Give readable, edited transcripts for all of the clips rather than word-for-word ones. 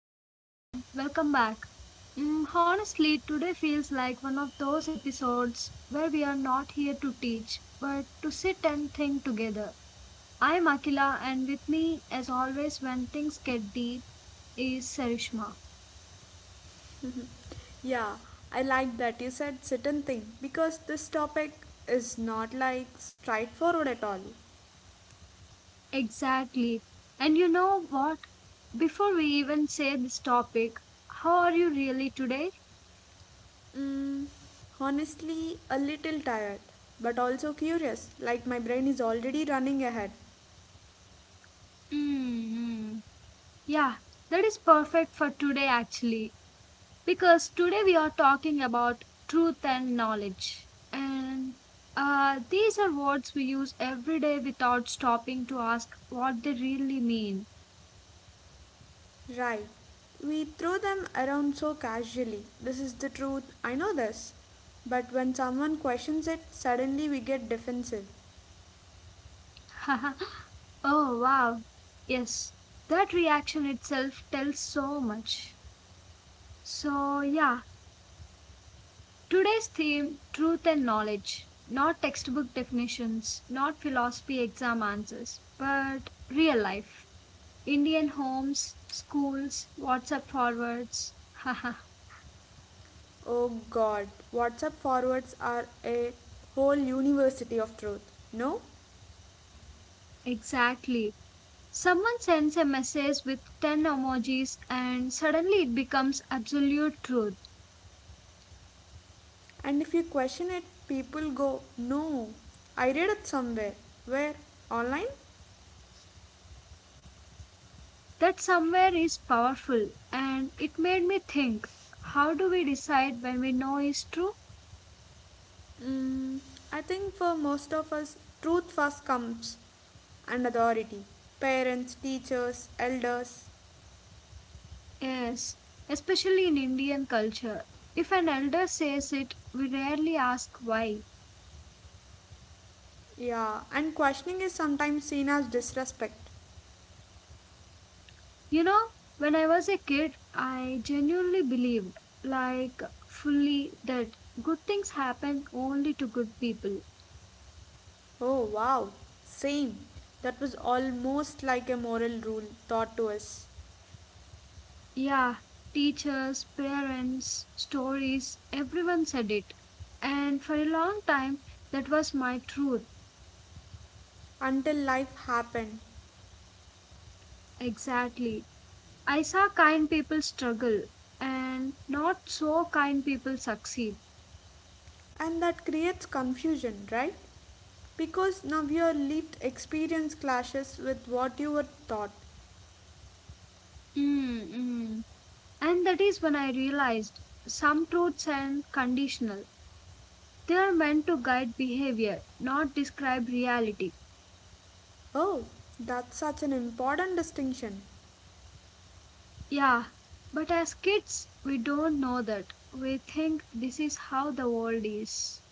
hey everyone, welcome back. Honestly, today feels like one of those episodes where we are not here to teach, but to sit and think together. I'm Akila, and with me, as always, when things get deep, is Sarishma. Yeah, I like that you said certain thing because this topic is not like straightforward at all. Exactly. And you know what? Before we even say this topic, how are you really today? Mm, honestly, a little tired, but also curious, like my brain is already running ahead. Mm-hmm. Yeah, that is perfect for today, actually because today we are talking about truth and knowledge. And these are words we use every day without stopping to ask what they really mean. Right. We throw them around so casually. This is the truth. I know this. But when someone questions it, suddenly we get defensive. Oh, wow. Yes, that reaction itself tells so much. So, yeah, today's theme truth and knowledge. Not textbook definitions, not philosophy exam answers, but real life. Indian homes, schools, WhatsApp forwards. Oh god, WhatsApp forwards are a whole university of truth. No? Exactly. Someone sends a message with 10 emojis and suddenly it becomes absolute truth. And if you question it, people go, No, I read it somewhere. Where? Online? That somewhere is powerful and it made me think how do we decide when we know is true? Mm, I think for most of us, truth first comes and authority. Parents, teachers, elders. Yes, especially in Indian culture. If an elder says it, we rarely ask why. Yeah, and questioning is sometimes seen as disrespect. You know, when I was a kid, I genuinely believed, like fully, that good things happen only to good people. Oh wow, same. That was almost like a moral rule taught to us Yeah, teachers, parents, stories, everyone said it. And for a long time, that was my truth. until life happened. Exactly. I saw kind people struggle and not so kind people succeed. And that creates confusion, right? Because now your lived experience clashes with what you were taught. Mm, mm. And that is when I realized some truths are conditional. They are meant to guide behavior, not describe reality. Oh, that's such an important distinction, Yeah, but as kids, we don't know that. We think this is how the world is.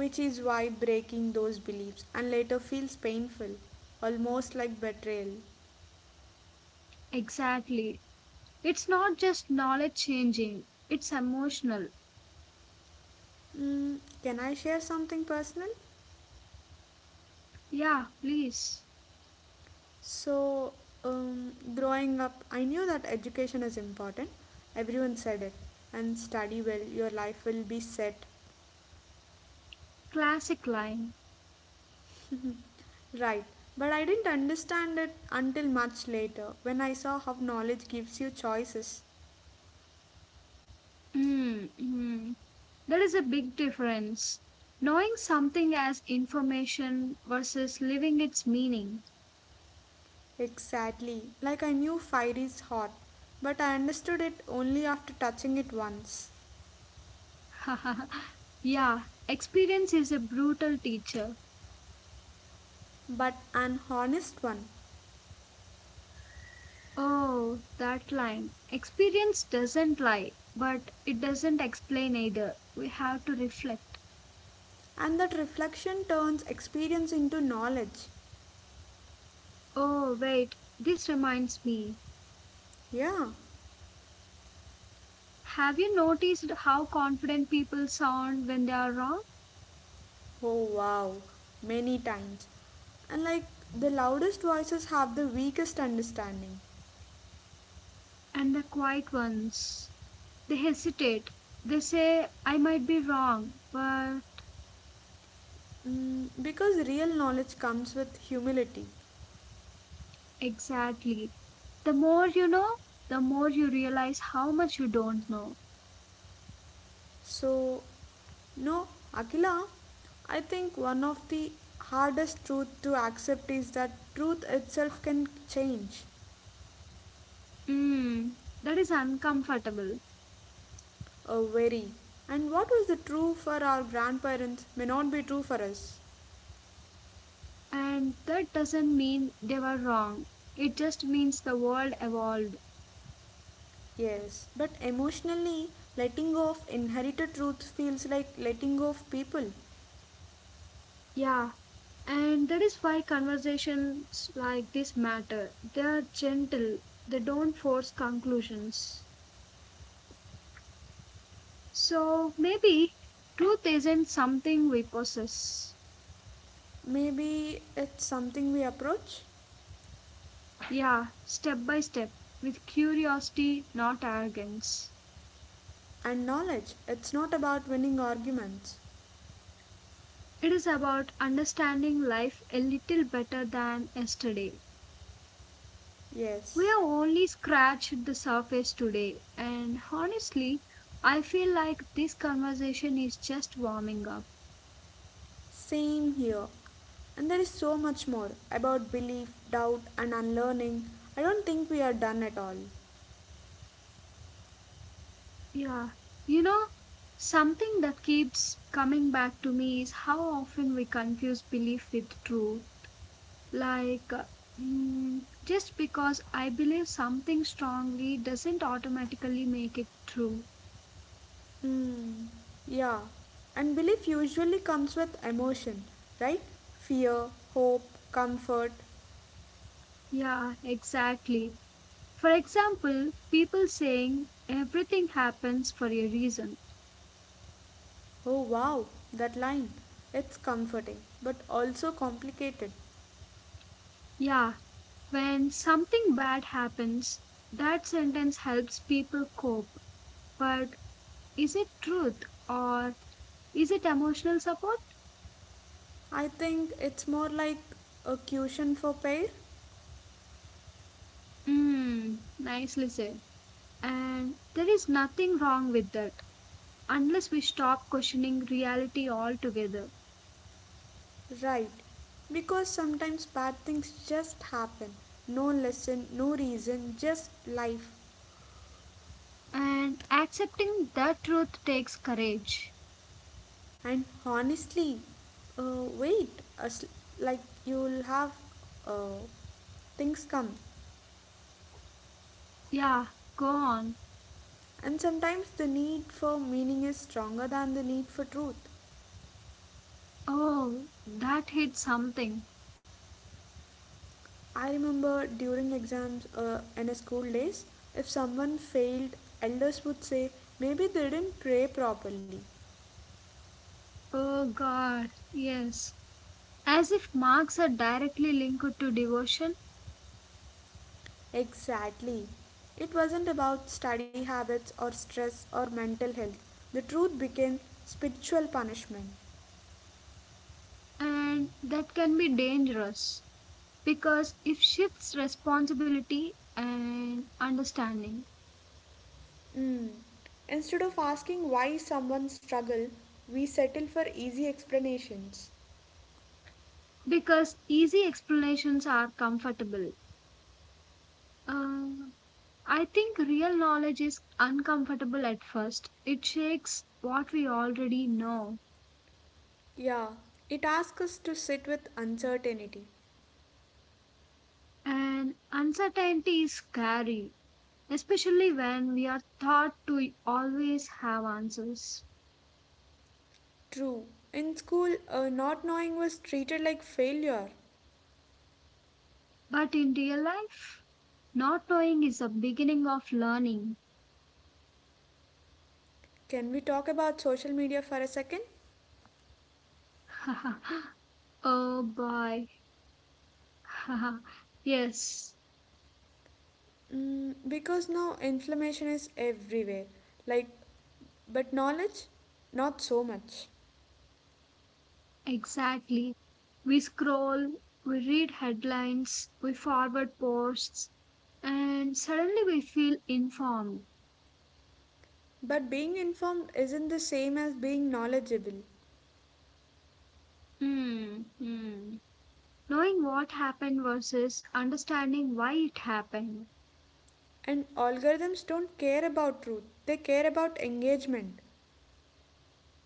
which is why breaking those beliefs and later feels painful, almost like betrayal. Exactly. It's not just knowledge changing, it's emotional. Can I share something personal? Yeah, please. So, growing up, I knew that education is important. Everyone said it. And study well, your life will be set. Classic line. Mm-hmm. Right, but I didn't understand it until much later when I saw how knowledge gives you choices. Mm, mm. There is a big difference. Knowing something as information versus living its meaning. Exactly, like I knew fire is hot, but I understood it only after touching it once. Yeah, experience is a brutal teacher. But an honest one. Oh, that line. Experience doesn't lie, but it doesn't explain either. We have to reflect. And that reflection turns experience into knowledge. Oh, wait, this reminds me. Yeah. Have you noticed how confident people sound when they are wrong? Oh wow, many times. And like the loudest voices have the weakest understanding. And the quiet ones, they hesitate. They say, I might be wrong, but Because real knowledge comes with humility. exactly. The more you know, the more you realize how much you don't know. So, no, Akila, I think one of the hardest truth to accept is that truth itself can change Mm, that is uncomfortable. or vary. And what was the true for our grandparents may not be true for us. And that doesn't mean they were wrong. It just means the world evolved. Yes, but emotionally, letting go of inherited truth feels like letting go of people. Yeah, and that is why conversations like this matter. They are gentle, they don't force conclusions. So maybe truth isn't something we possess. Maybe it's something we approach. Yeah, step by step, with curiosity, not arrogance. And knowledge, it's not about winning arguments. It is about understanding life a little better than yesterday. We Yes, have only scratched the surface today, and honestly, I feel like this conversation is just warming up. same here. And there is so much more about belief, doubt, and unlearning. I don't think we are done at all. Yeah. You know, something that keeps coming back to me is how often we confuse belief with truth. Like, just because I believe something strongly doesn't automatically make it true. Hmm, yeah. And belief usually comes with emotion, right? Fear, hope, comfort. Yeah, exactly. For example, people saying everything happens for a reason. Oh wow, that line. It's comforting, but also complicated. Yeah, when something bad happens, that sentence helps people cope. But is it truth or is it emotional support? I think it's more like a cushion for pain. Hmm, nicely said. And there is nothing wrong with that unless we stop questioning reality altogether. Right, because sometimes bad things just happen. No lesson, no reason, just life. And accepting that truth takes courage. And honestly, wait, as, like you'll have uh, things come. Yeah, go on. And sometimes the need for meaning is stronger than the need for truth. Oh, that hit something. I remember during exams in a school days, if someone failed, elders would say, maybe they didn't pray properly. Oh, God, yes. As if marks are directly linked to devotion, Exactly. It wasn't about study habits or stress or mental health. The truth became spiritual punishment. and that can be dangerous because it shifts responsibility and understanding. Mm. Instead of asking why someone struggled, we settle for easy explanations. Because easy explanations are comfortable. Uh, I think real knowledge is uncomfortable at first. It shakes what we already know, Yeah, it asks us to sit with uncertainty. and uncertainty is scary, especially when we are taught to always have answers. True. In school, not knowing was treated like failure. But in real life, not knowing is the beginning of learning. Can we talk about social media for a second? Oh boy. Yes. Because now inflammation is everywhere. Like, but knowledge, not so much. Exactly. We scroll, we read headlines, we forward posts, and suddenly we feel informed. But being informed isn't the same as being knowledgeable. Hmm, hmm. Knowing what happened versus understanding why it happened, And algorithms don't care about truth, they care about engagement,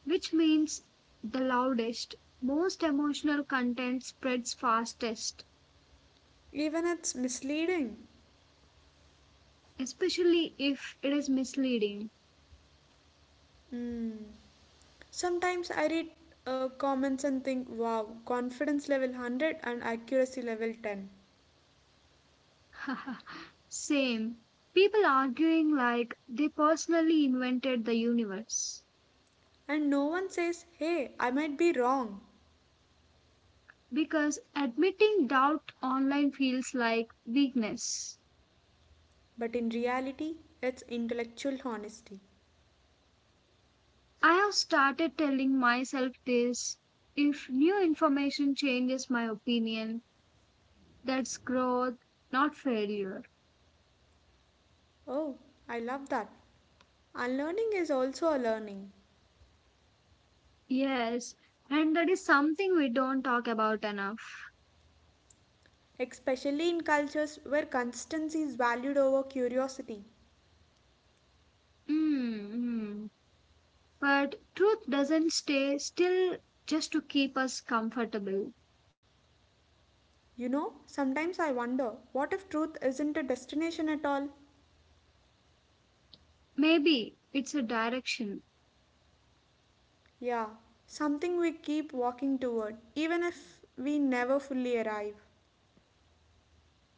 which means the loudest, most emotional content spreads fastest, even it's misleading. especially if it is misleading. Mm. Sometimes I read comments and think, wow, confidence level 100 and accuracy level 10. Same. People arguing like they personally invented the universe. And no one says, hey, I might be wrong. Because admitting doubt online feels like weakness. But in reality, it's intellectual honesty. I have started telling myself this if new information changes my opinion, that's growth, not failure. Oh, I love that. Unlearning is also a learning, Yes, and that is something we don't talk about enough. especially in cultures where constancy is valued over curiosity. Mm-hmm. But truth doesn't stay still just to keep us comfortable. You know, sometimes I wonder what if truth isn't a destination at all? Maybe it's a direction, Yeah, something we keep walking toward, even if we never fully arrive.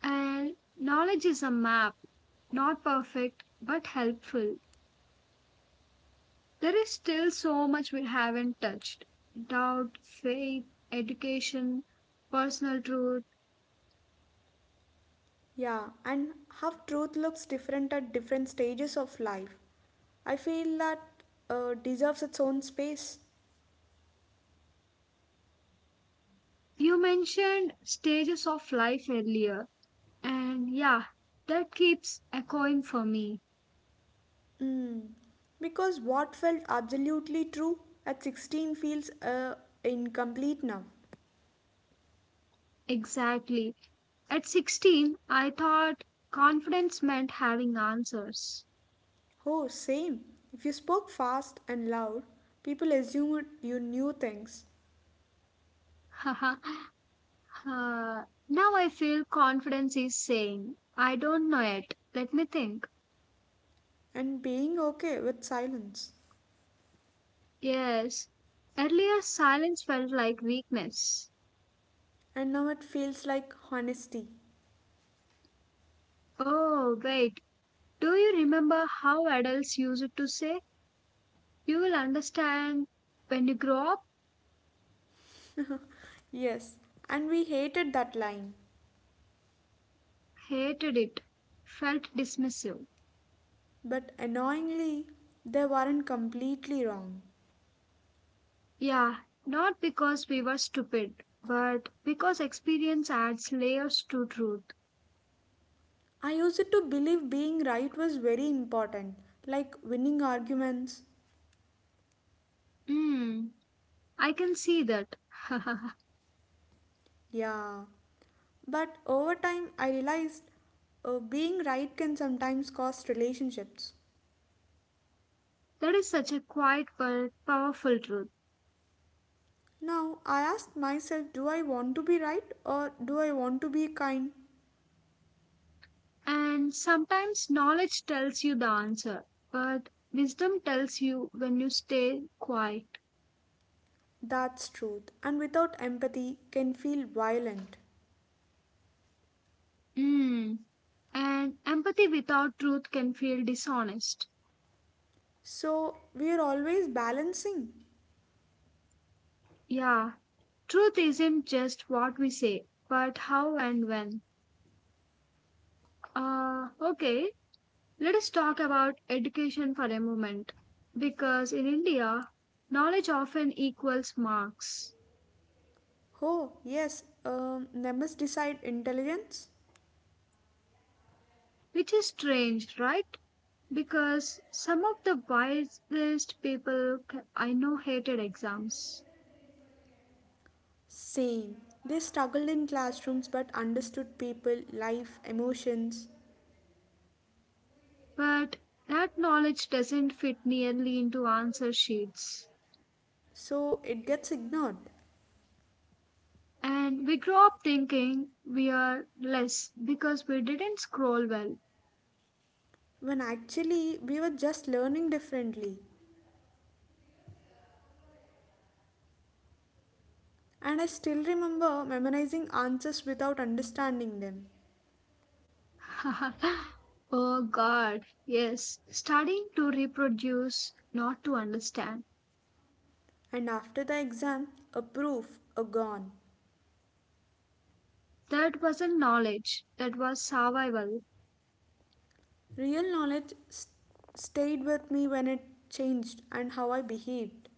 and knowledge is a map, not perfect but helpful. There is still so much we haven't touched doubt, faith, education, personal truth. Yeah, and how truth looks different at different stages of life. I feel that deserves its own space. You mentioned stages of life earlier, and yeah, that keeps echoing for me. Mm, Because what felt absolutely true at 16 feels incomplete now. Exactly. At 16, I thought confidence meant having answers. Oh, same. If you spoke fast and loud, people assumed you knew things now I feel confidence is saying, I don't know yet. Let me think. and being okay with silence. Yes. Earlier, silence felt like weakness. And now it feels like honesty. Oh, wait. Do you remember how adults used to say, you will understand when you grow up? Yes, and we hated that line, Hated it. Felt dismissive. but annoyingly, they weren't completely wrong. Yeah, not because we were stupid, but because experience adds layers to truth. I used to believe being right was very important, like winning arguments. Hmm, I can see that. That Yeah. But over time, I realized being right can sometimes cost relationships. is such a quiet but powerful truth. Now, I ask myself, do I want to be right or do I want to be kind? And sometimes knowledge tells you the answer, but wisdom tells you when you stay quiet. That's truth. And without empathy, can feel violent. Mm. And empathy without truth can feel dishonest. So, we are always balancing. Yeah, truth isn't just what we say, but how and when. Okay, let us talk about education for a moment. Because in India, knowledge often equals marks, Oh, yes, numbers decide intelligence? which is strange, right? Because some of the wisest people I know hated exams. Same. They struggled in classrooms but understood people, life, emotions. But that knowledge doesn't fit nearly into answer sheets. So, it gets ignored. And we grow up thinking we are less because we didn't scroll well. When actually we were just learning differently. And I still remember memorizing answers without understanding them. Oh God, yes, studying to reproduce, not to understand. And after the exam, a proof, a gone. That wasn't knowledge, that was survival. Real knowledge stayed with me when it changed and how I behaved.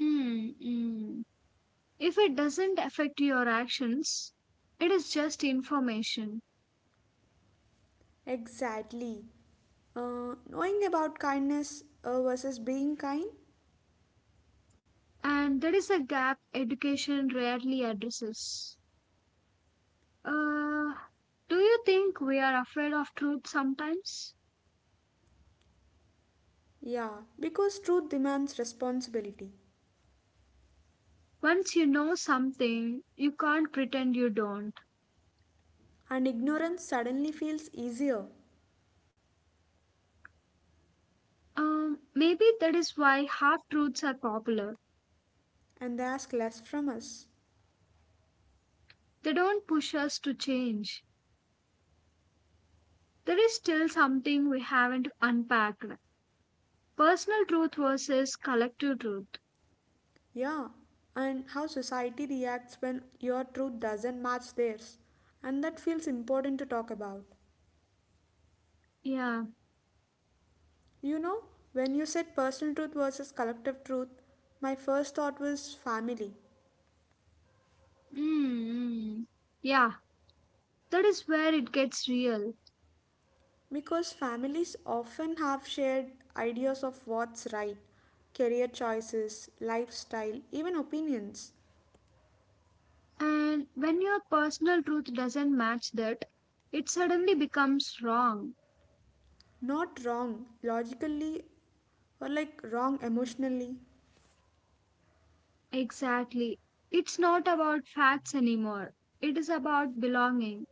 Hmm, hmm. If it doesn't affect your actions, it is just information. Exactly. Knowing about kindness versus being kind? And that is a gap education rarely addresses. Uh, do you think we are afraid of truth sometimes? Yeah, because truth demands responsibility. Once you know something, you can't pretend you don't. And ignorance suddenly feels easier Maybe that is why half truths are popular. and they ask less from us. They don't push us to change. There is still something we haven't unpacked personal truth versus collective truth. Yeah, and how society reacts when your truth doesn't match theirs. And that feels important to talk about. Yeah. You know, when you said personal truth versus collective truth, my first thought was family. Mm, yeah, that is where it gets real. Because families often have shared ideas of what's right, career choices, lifestyle, even opinions. And when your personal truth doesn't match that, it suddenly becomes wrong. Not wrong logically or like wrong emotionally. Exactly. It's not about facts anymore, it is about belonging.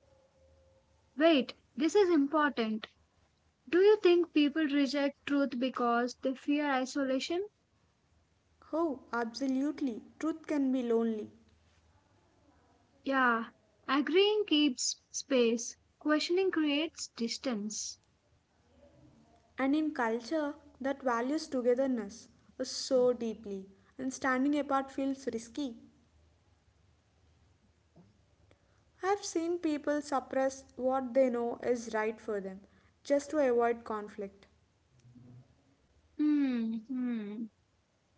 Wait, this is important. Do you think people reject truth because they fear isolation? Oh, absolutely. Truth can be lonely. Yeah, agreeing keeps space, questioning creates distance. And in culture that values togetherness so deeply and standing apart feels risky. I've seen people suppress what they know is right for them just to avoid conflict. Hmm, hmm.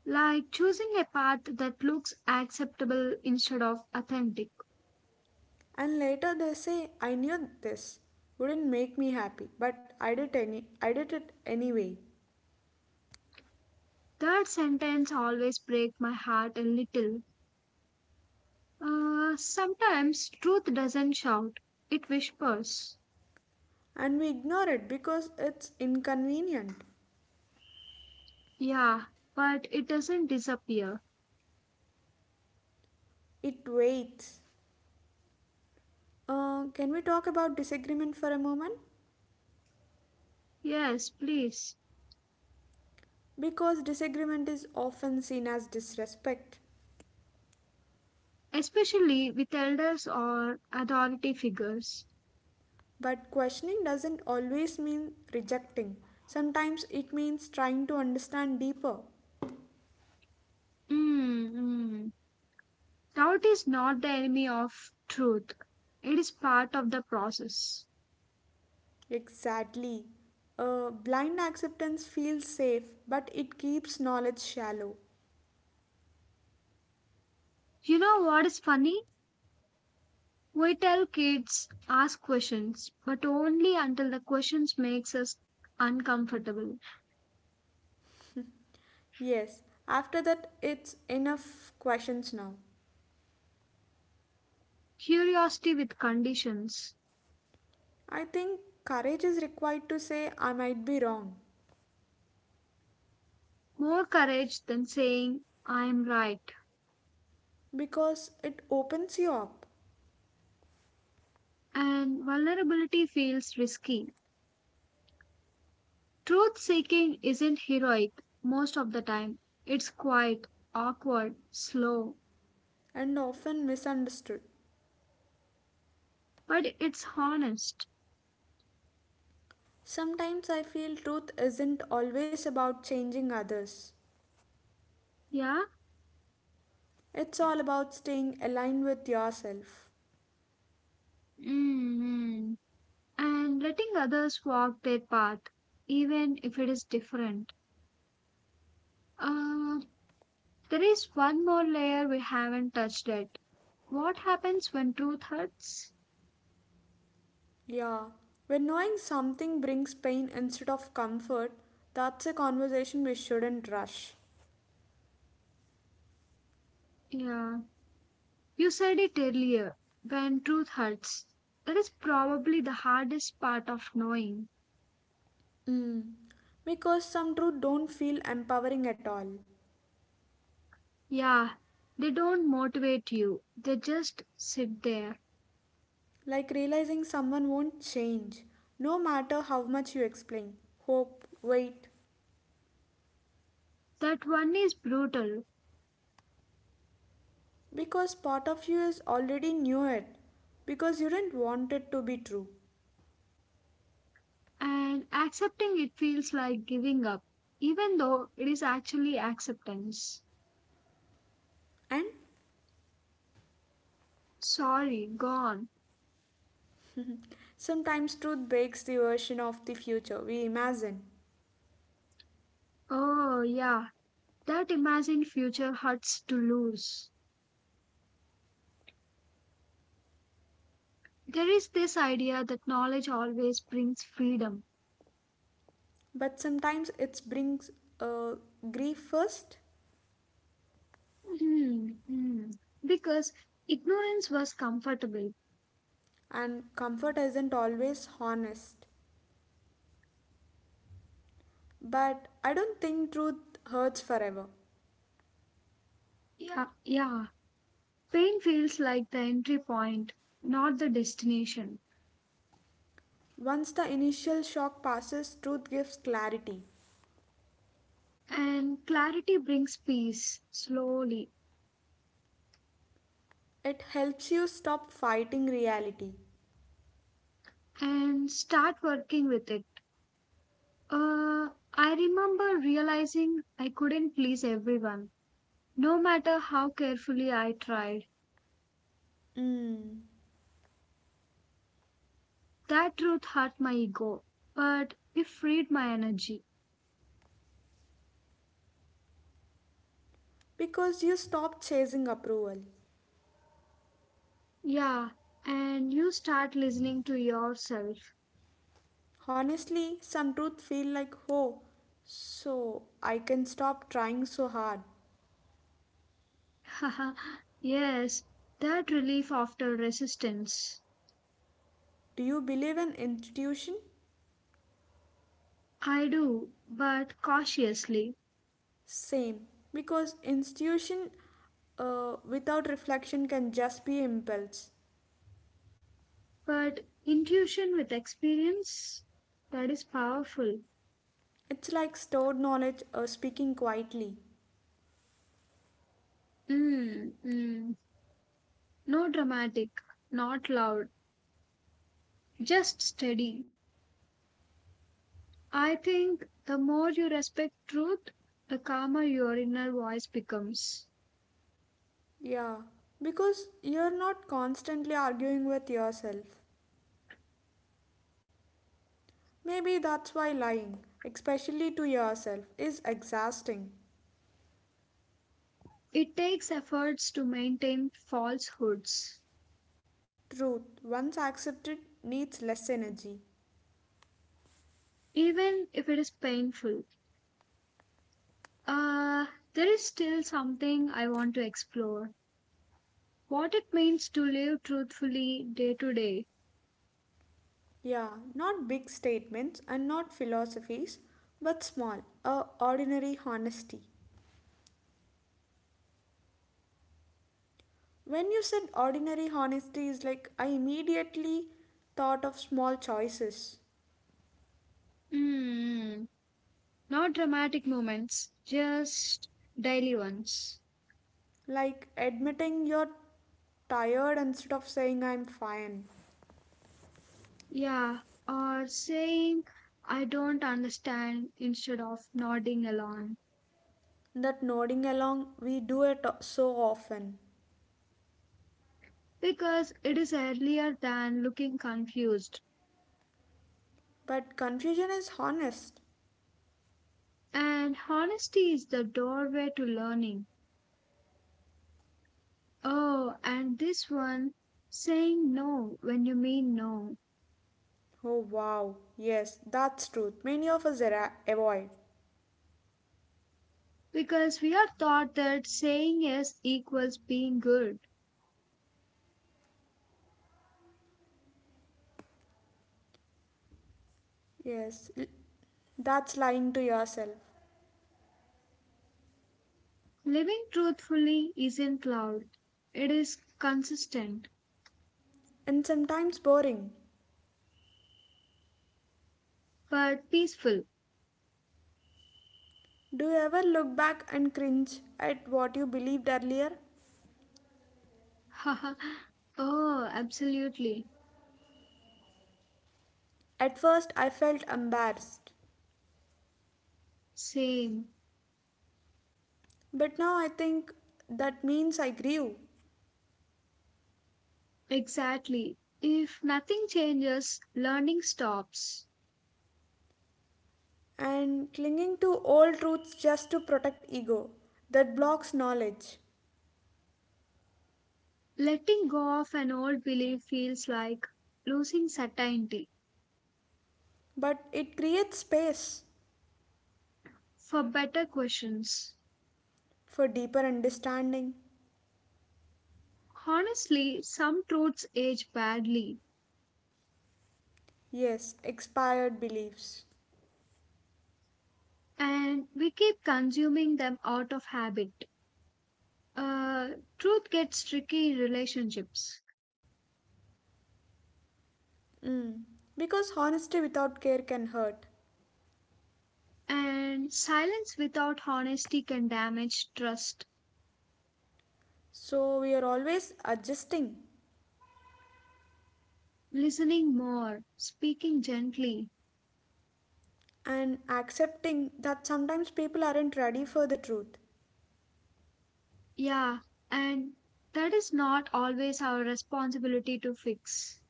Like choosing a path that looks acceptable instead of authentic. And later they say, I knew this wouldn't make me happy, but I did it anyway. That sentence always breaks my heart a little. Sometimes truth doesn't shout, it whispers. And we ignore it because it's inconvenient. Yeah, but it doesn't disappear. It waits. Can we talk about disagreement for a moment? Yes, please. Because disagreement is often seen as disrespect. Especially with elders or authority figures. But questioning doesn't always mean rejecting. Sometimes it means trying to understand deeper. Mm, mm. Doubt is not the enemy of truth, it is part of the process. Exactly. Blind acceptance feels safe, but it keeps knowledge shallow. You know what is funny? We tell kids ask questions, but only until the questions makes us uncomfortable. Yes, after that, it's enough questions now. Curiosity with conditions, I think courage is required to say I might be wrong more courage than saying I am right, because it opens you up and vulnerability feels risky. Truth seeking isn't heroic most of the time. It's quiet, awkward, slow, and often misunderstood. but it's honest. Sometimes I feel truth isn't always about changing others. Yeah? It's all about staying aligned with yourself. Mm-hmm. And letting others walk their path, even if it is different. Uh, there is one more layer we haven't touched yet. What happens when truth hurts? Yeah. When knowing something brings pain instead of comfort, that's a conversation we shouldn't rush. Yeah. You said it earlier. When truth hurts, that is probably the hardest part of knowing. Because some truth don't feel empowering at all. Yeah, they don't motivate you, they just sit there. Like realizing someone won't change, no matter how much you explain, hope, wait. That one is brutal, Because part of you is already knew it, because you didn't want it to be true. and accepting it feels like giving up, even though it is actually acceptance. And Sorry, gone. sometimes truth breaks the version of the future we imagine. Oh, yeah, that imagined future hurts to lose. There is this idea that knowledge always brings freedom. But sometimes it brings uh, grief first, Hmm, hmm. Because ignorance was comfortable. and comfort isn't always honest. But I don't think truth hurts forever. Yeah, yeah. Pain feels like the entry point, not the destination. Once the initial shock passes, truth gives clarity. And clarity brings peace slowly It helps you stop fighting reality. and start working with it. I remember realizing I couldn't please everyone, no matter how carefully I tried. Mm. That truth hurt my ego, but it freed my energy. Because you stop chasing approval. Yeah, and you start listening to yourself. Honestly, some truth feel like, oh, so I can stop trying so hard. Yes, that relief after resistance. Do you believe in intuition? I do, but cautiously. Same, because institution without reflection can just be impulse. But intuition with experience, that is powerful. It's like stored knowledge speaking quietly. Mm, mm. No dramatic, not loud, just steady. I think the more you respect truth, the calmer your inner voice becomes. Yeah, because you're not constantly arguing with yourself. Maybe that's why lying, especially to yourself, is exhausting. It takes efforts to maintain falsehoods, Truth, once accepted, needs less energy. even if it is painful. Uh, there is still something I want to explore. What it means to live truthfully day to day. Yeah, not big statements and not philosophies, but small, ordinary honesty. When you said ordinary honesty is like, I immediately thought of small choices, Mm, not dramatic moments, just daily ones. like admitting you're tired instead of saying I'm fine. Yeah, or saying, I don't understand instead of nodding along. That nodding along, we do it so often. Because it is earlier than looking confused. But confusion is honest. And honesty is the doorway to learning. Oh, and this one, saying no when you mean no. Oh wow, yes, that's truth. Many of us avoid. Because we are taught that saying yes equals being good Yes, that's lying to yourself. living truthfully isn't loud. It is consistent, And sometimes boring. but peaceful. Do you ever look back and cringe at what you believed earlier? Haha. Oh, absolutely. At first, I felt embarrassed, Same. but now I think that means I grew. Exactly. If nothing changes, learning stops. And clinging to old truths just to protect ego that blocks knowledge, Letting go of an old belief feels like losing certainty but it creates space for better questions. for deeper understanding. Honestly, some truths age badly, Yes, expired beliefs. and we keep consuming them out of habit. Truth gets tricky in relationships, Because honesty without care can hurt. and silence without honesty can damage trust. So we are always adjusting Listening more, speaking gently. and accepting that sometimes people aren't ready for the truth. Yeah, and that is not always our responsibility to fix.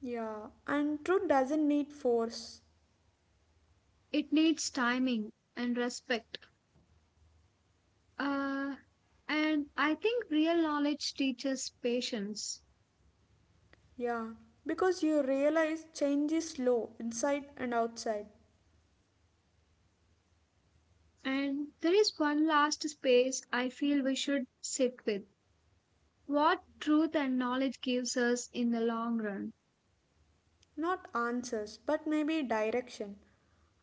Yeah, and truth doesn't need force. It needs timing and respect. Uh, and I think real knowledge teaches patience. Yeah, because you realize change is slow inside and outside. And there is one last space I feel we should sit with what truth and knowledge gives us in the long run. Not answers, but maybe direction.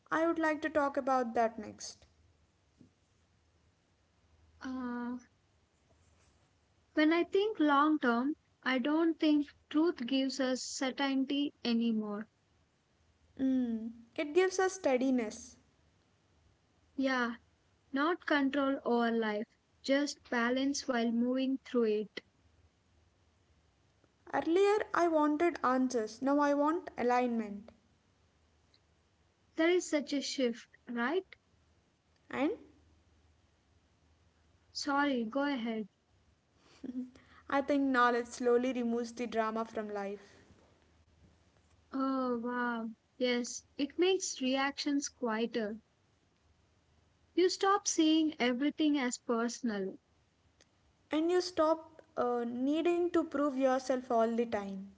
I would like to talk about that next. Uh, when I think long term, I don't think truth gives us certainty anymore. Mm, it gives us steadiness. Yeah, not control over life, just balance while moving through it. Earlier, I wanted answers, now I want alignment. There is such a shift, right? And Sorry, go ahead. I think knowledge slowly removes the drama from life. Oh, wow. Yes, it makes reactions quieter. You stop seeing everything as personal And you stop needing to prove yourself all the time.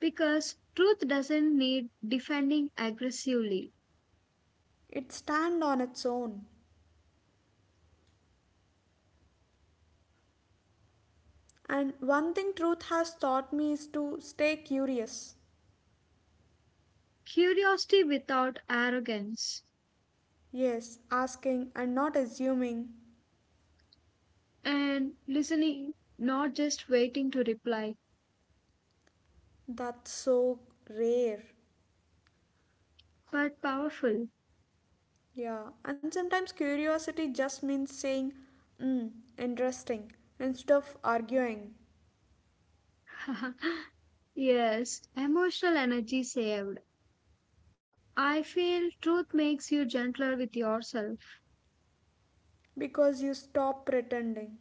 because truth doesn't need defending aggressively. It stands on its own. And one thing truth has taught me is to stay curious. Curiosity without arrogance, Yes, asking and not assuming. and listening, not just waiting to reply, That's so rare. but powerful. Yeah, and sometimes curiosity just means saying, hmm, interesting, instead of arguing, Yes, emotional energy saved. I feel truth makes you gentler with yourself, because you stop pretending.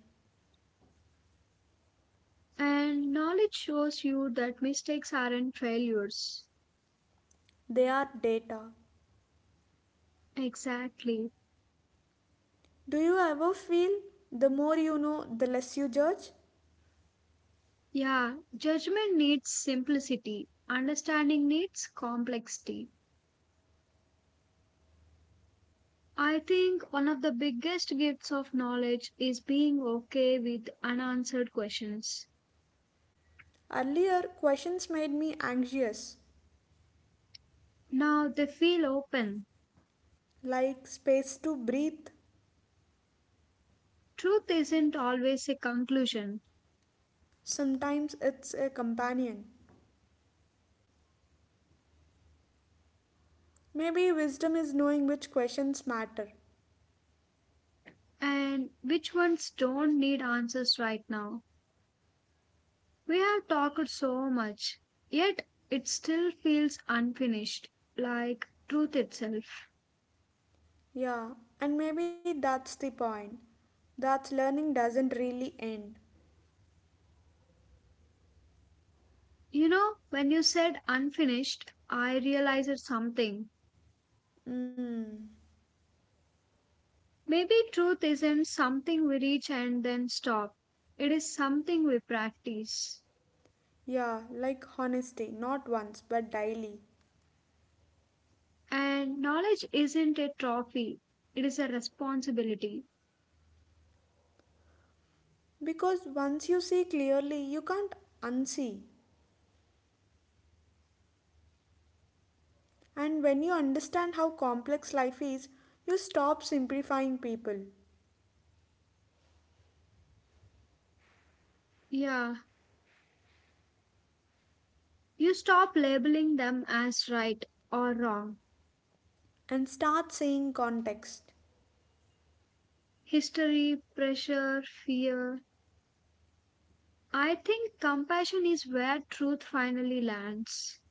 and knowledge shows you that mistakes aren't failures. They are data. Exactly. Do you ever feel the more you know, the less you judge? Yeah, judgment needs simplicity, understanding needs complexity. I think one of the biggest gifts of knowledge is being okay with unanswered questions. Earlier, questions made me anxious, Now they feel open. like space to breathe. Truth isn't always a conclusion, Sometimes it's a companion. Maybe wisdom is knowing which questions matter. and which ones don't need answers right now. We have talked so much, yet it still feels unfinished, like truth itself. Yeah, and maybe that's the point. That learning doesn't really end. You know, when you said unfinished, I realized something. Mm. Maybe truth isn't something we reach and then stop. It is something we practice. Yeah, like honesty, not once, but daily. And knowledge isn't a trophy, it is a responsibility. Because once you see clearly, you can't unsee. And when you understand how complex life is, you stop simplifying people Yeah, you stop labeling them as right or wrong. and start seeing context. History, pressure, fear. I think compassion is where truth finally lands,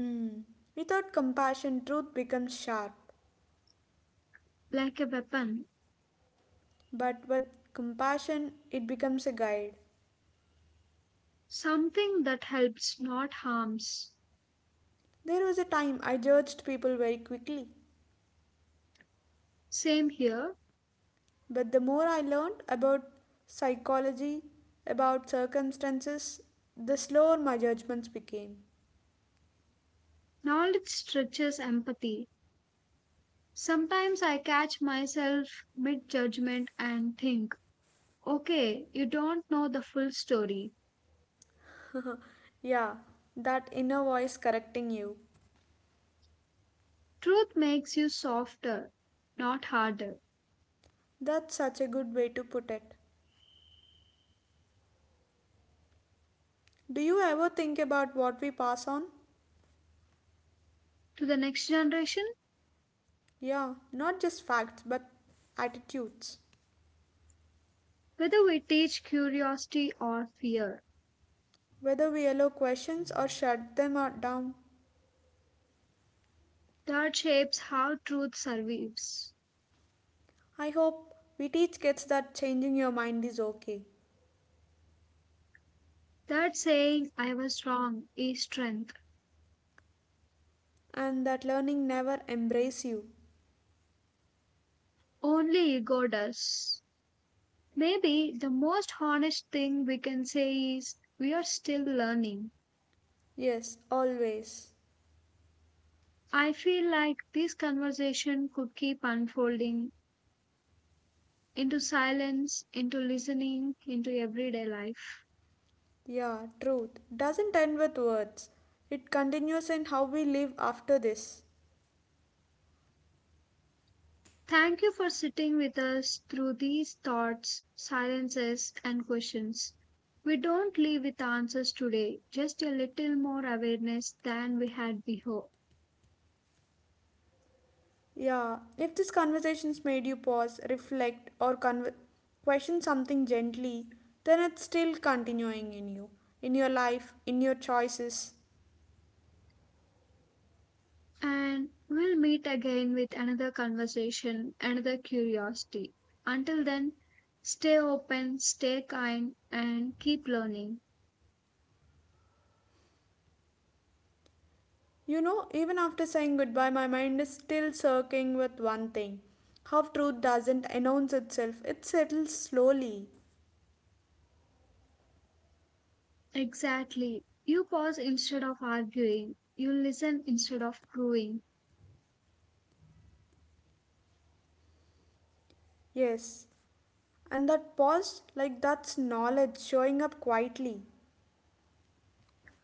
Mm. Without compassion, truth becomes sharp. like a weapon, But with compassion, it becomes a guide. something that helps, not harms. There was a time I judged people very quickly. Same here, But the more I learned about psychology, about circumstances, the slower my judgments became. knowledge stretches empathy sometimes I catch myself mid judgment and think, okay, you don't know the full story. Yeah, that inner voice correcting you. Truth makes you softer, not harder. That's such a good way to put it. Do you ever think about what we pass on? To the next generation, Yeah, not just facts but attitudes. whether we teach curiosity or fear, Whether we allow questions or shut them down. that shapes how truth survives. I hope we teach kids that changing your mind is okay That saying, I was wrong, is strength. and that learning never embraces you. Only ego does. Maybe the most honest thing we can say is, we are still learning. Yes, always. I feel like this conversation could keep unfolding into silence, into listening, into everyday life. Yeah, truth doesn't end with words. It continues in how we live after this. Thank you for sitting with us through these thoughts, silences, and questions. We don't leave with answers today, just a little more awareness than we had before. Yeah, if this conversation's made you pause, reflect, or question something gently, then it's still continuing in you, in your life, in your choices. And we'll meet again with another conversation, another curiosity. Until then, stay open, stay kind, and keep learning. You know, even after saying goodbye, my mind is still circling with one thing how truth doesn't announce itself, it settles slowly. Exactly. You pause instead of arguing. You listen instead of proving. Yes, and that pause, like that's knowledge showing up quietly.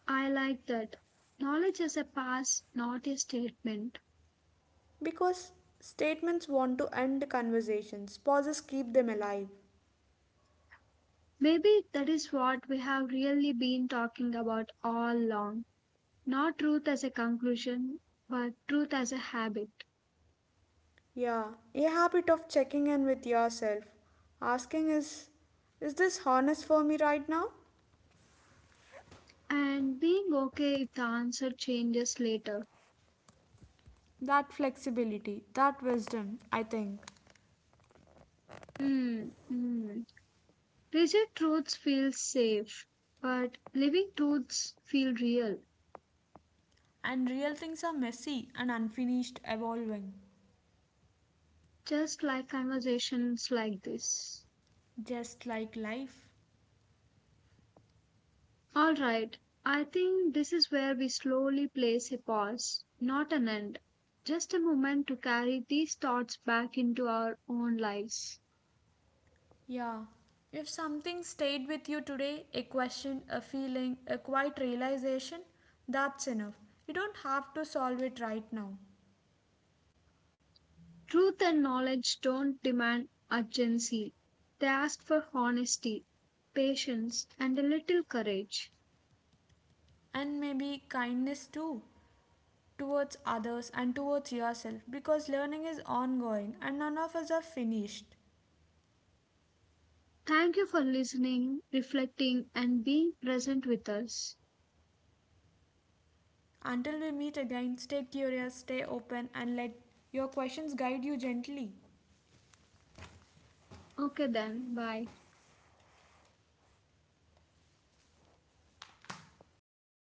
I like that. Knowledge is a pass, not a statement. Because statements want to end conversations, pauses keep them alive. Maybe that is what we have really been talking about all along. Not truth as a conclusion, but truth as a habit. Yeah, a habit of checking in with yourself, asking is this honest for me right now? And being okay if the answer changes later. That flexibility, that wisdom, I think. Hmm, hmm. Rigid truths feel safe, but living truths feel real. And real things are messy and unfinished, evolving, Just like conversations like this. just like life. All right, I think this is where we slowly place a pause, not an end, just a moment to carry these thoughts back into our own lives. Yeah. If something stayed with you today, a question, a feeling, a quiet realization, that's enough. You don't have to solve it right now. Truth and knowledge don't demand urgency, they ask for honesty, patience, and a little courage. And maybe kindness too towards others and towards yourself because learning is ongoing and none of us are finished. Thank you for listening, reflecting, and being present with us. Until we meet again, stay curious, stay open, and let your questions guide you gently. Okay, then, bye.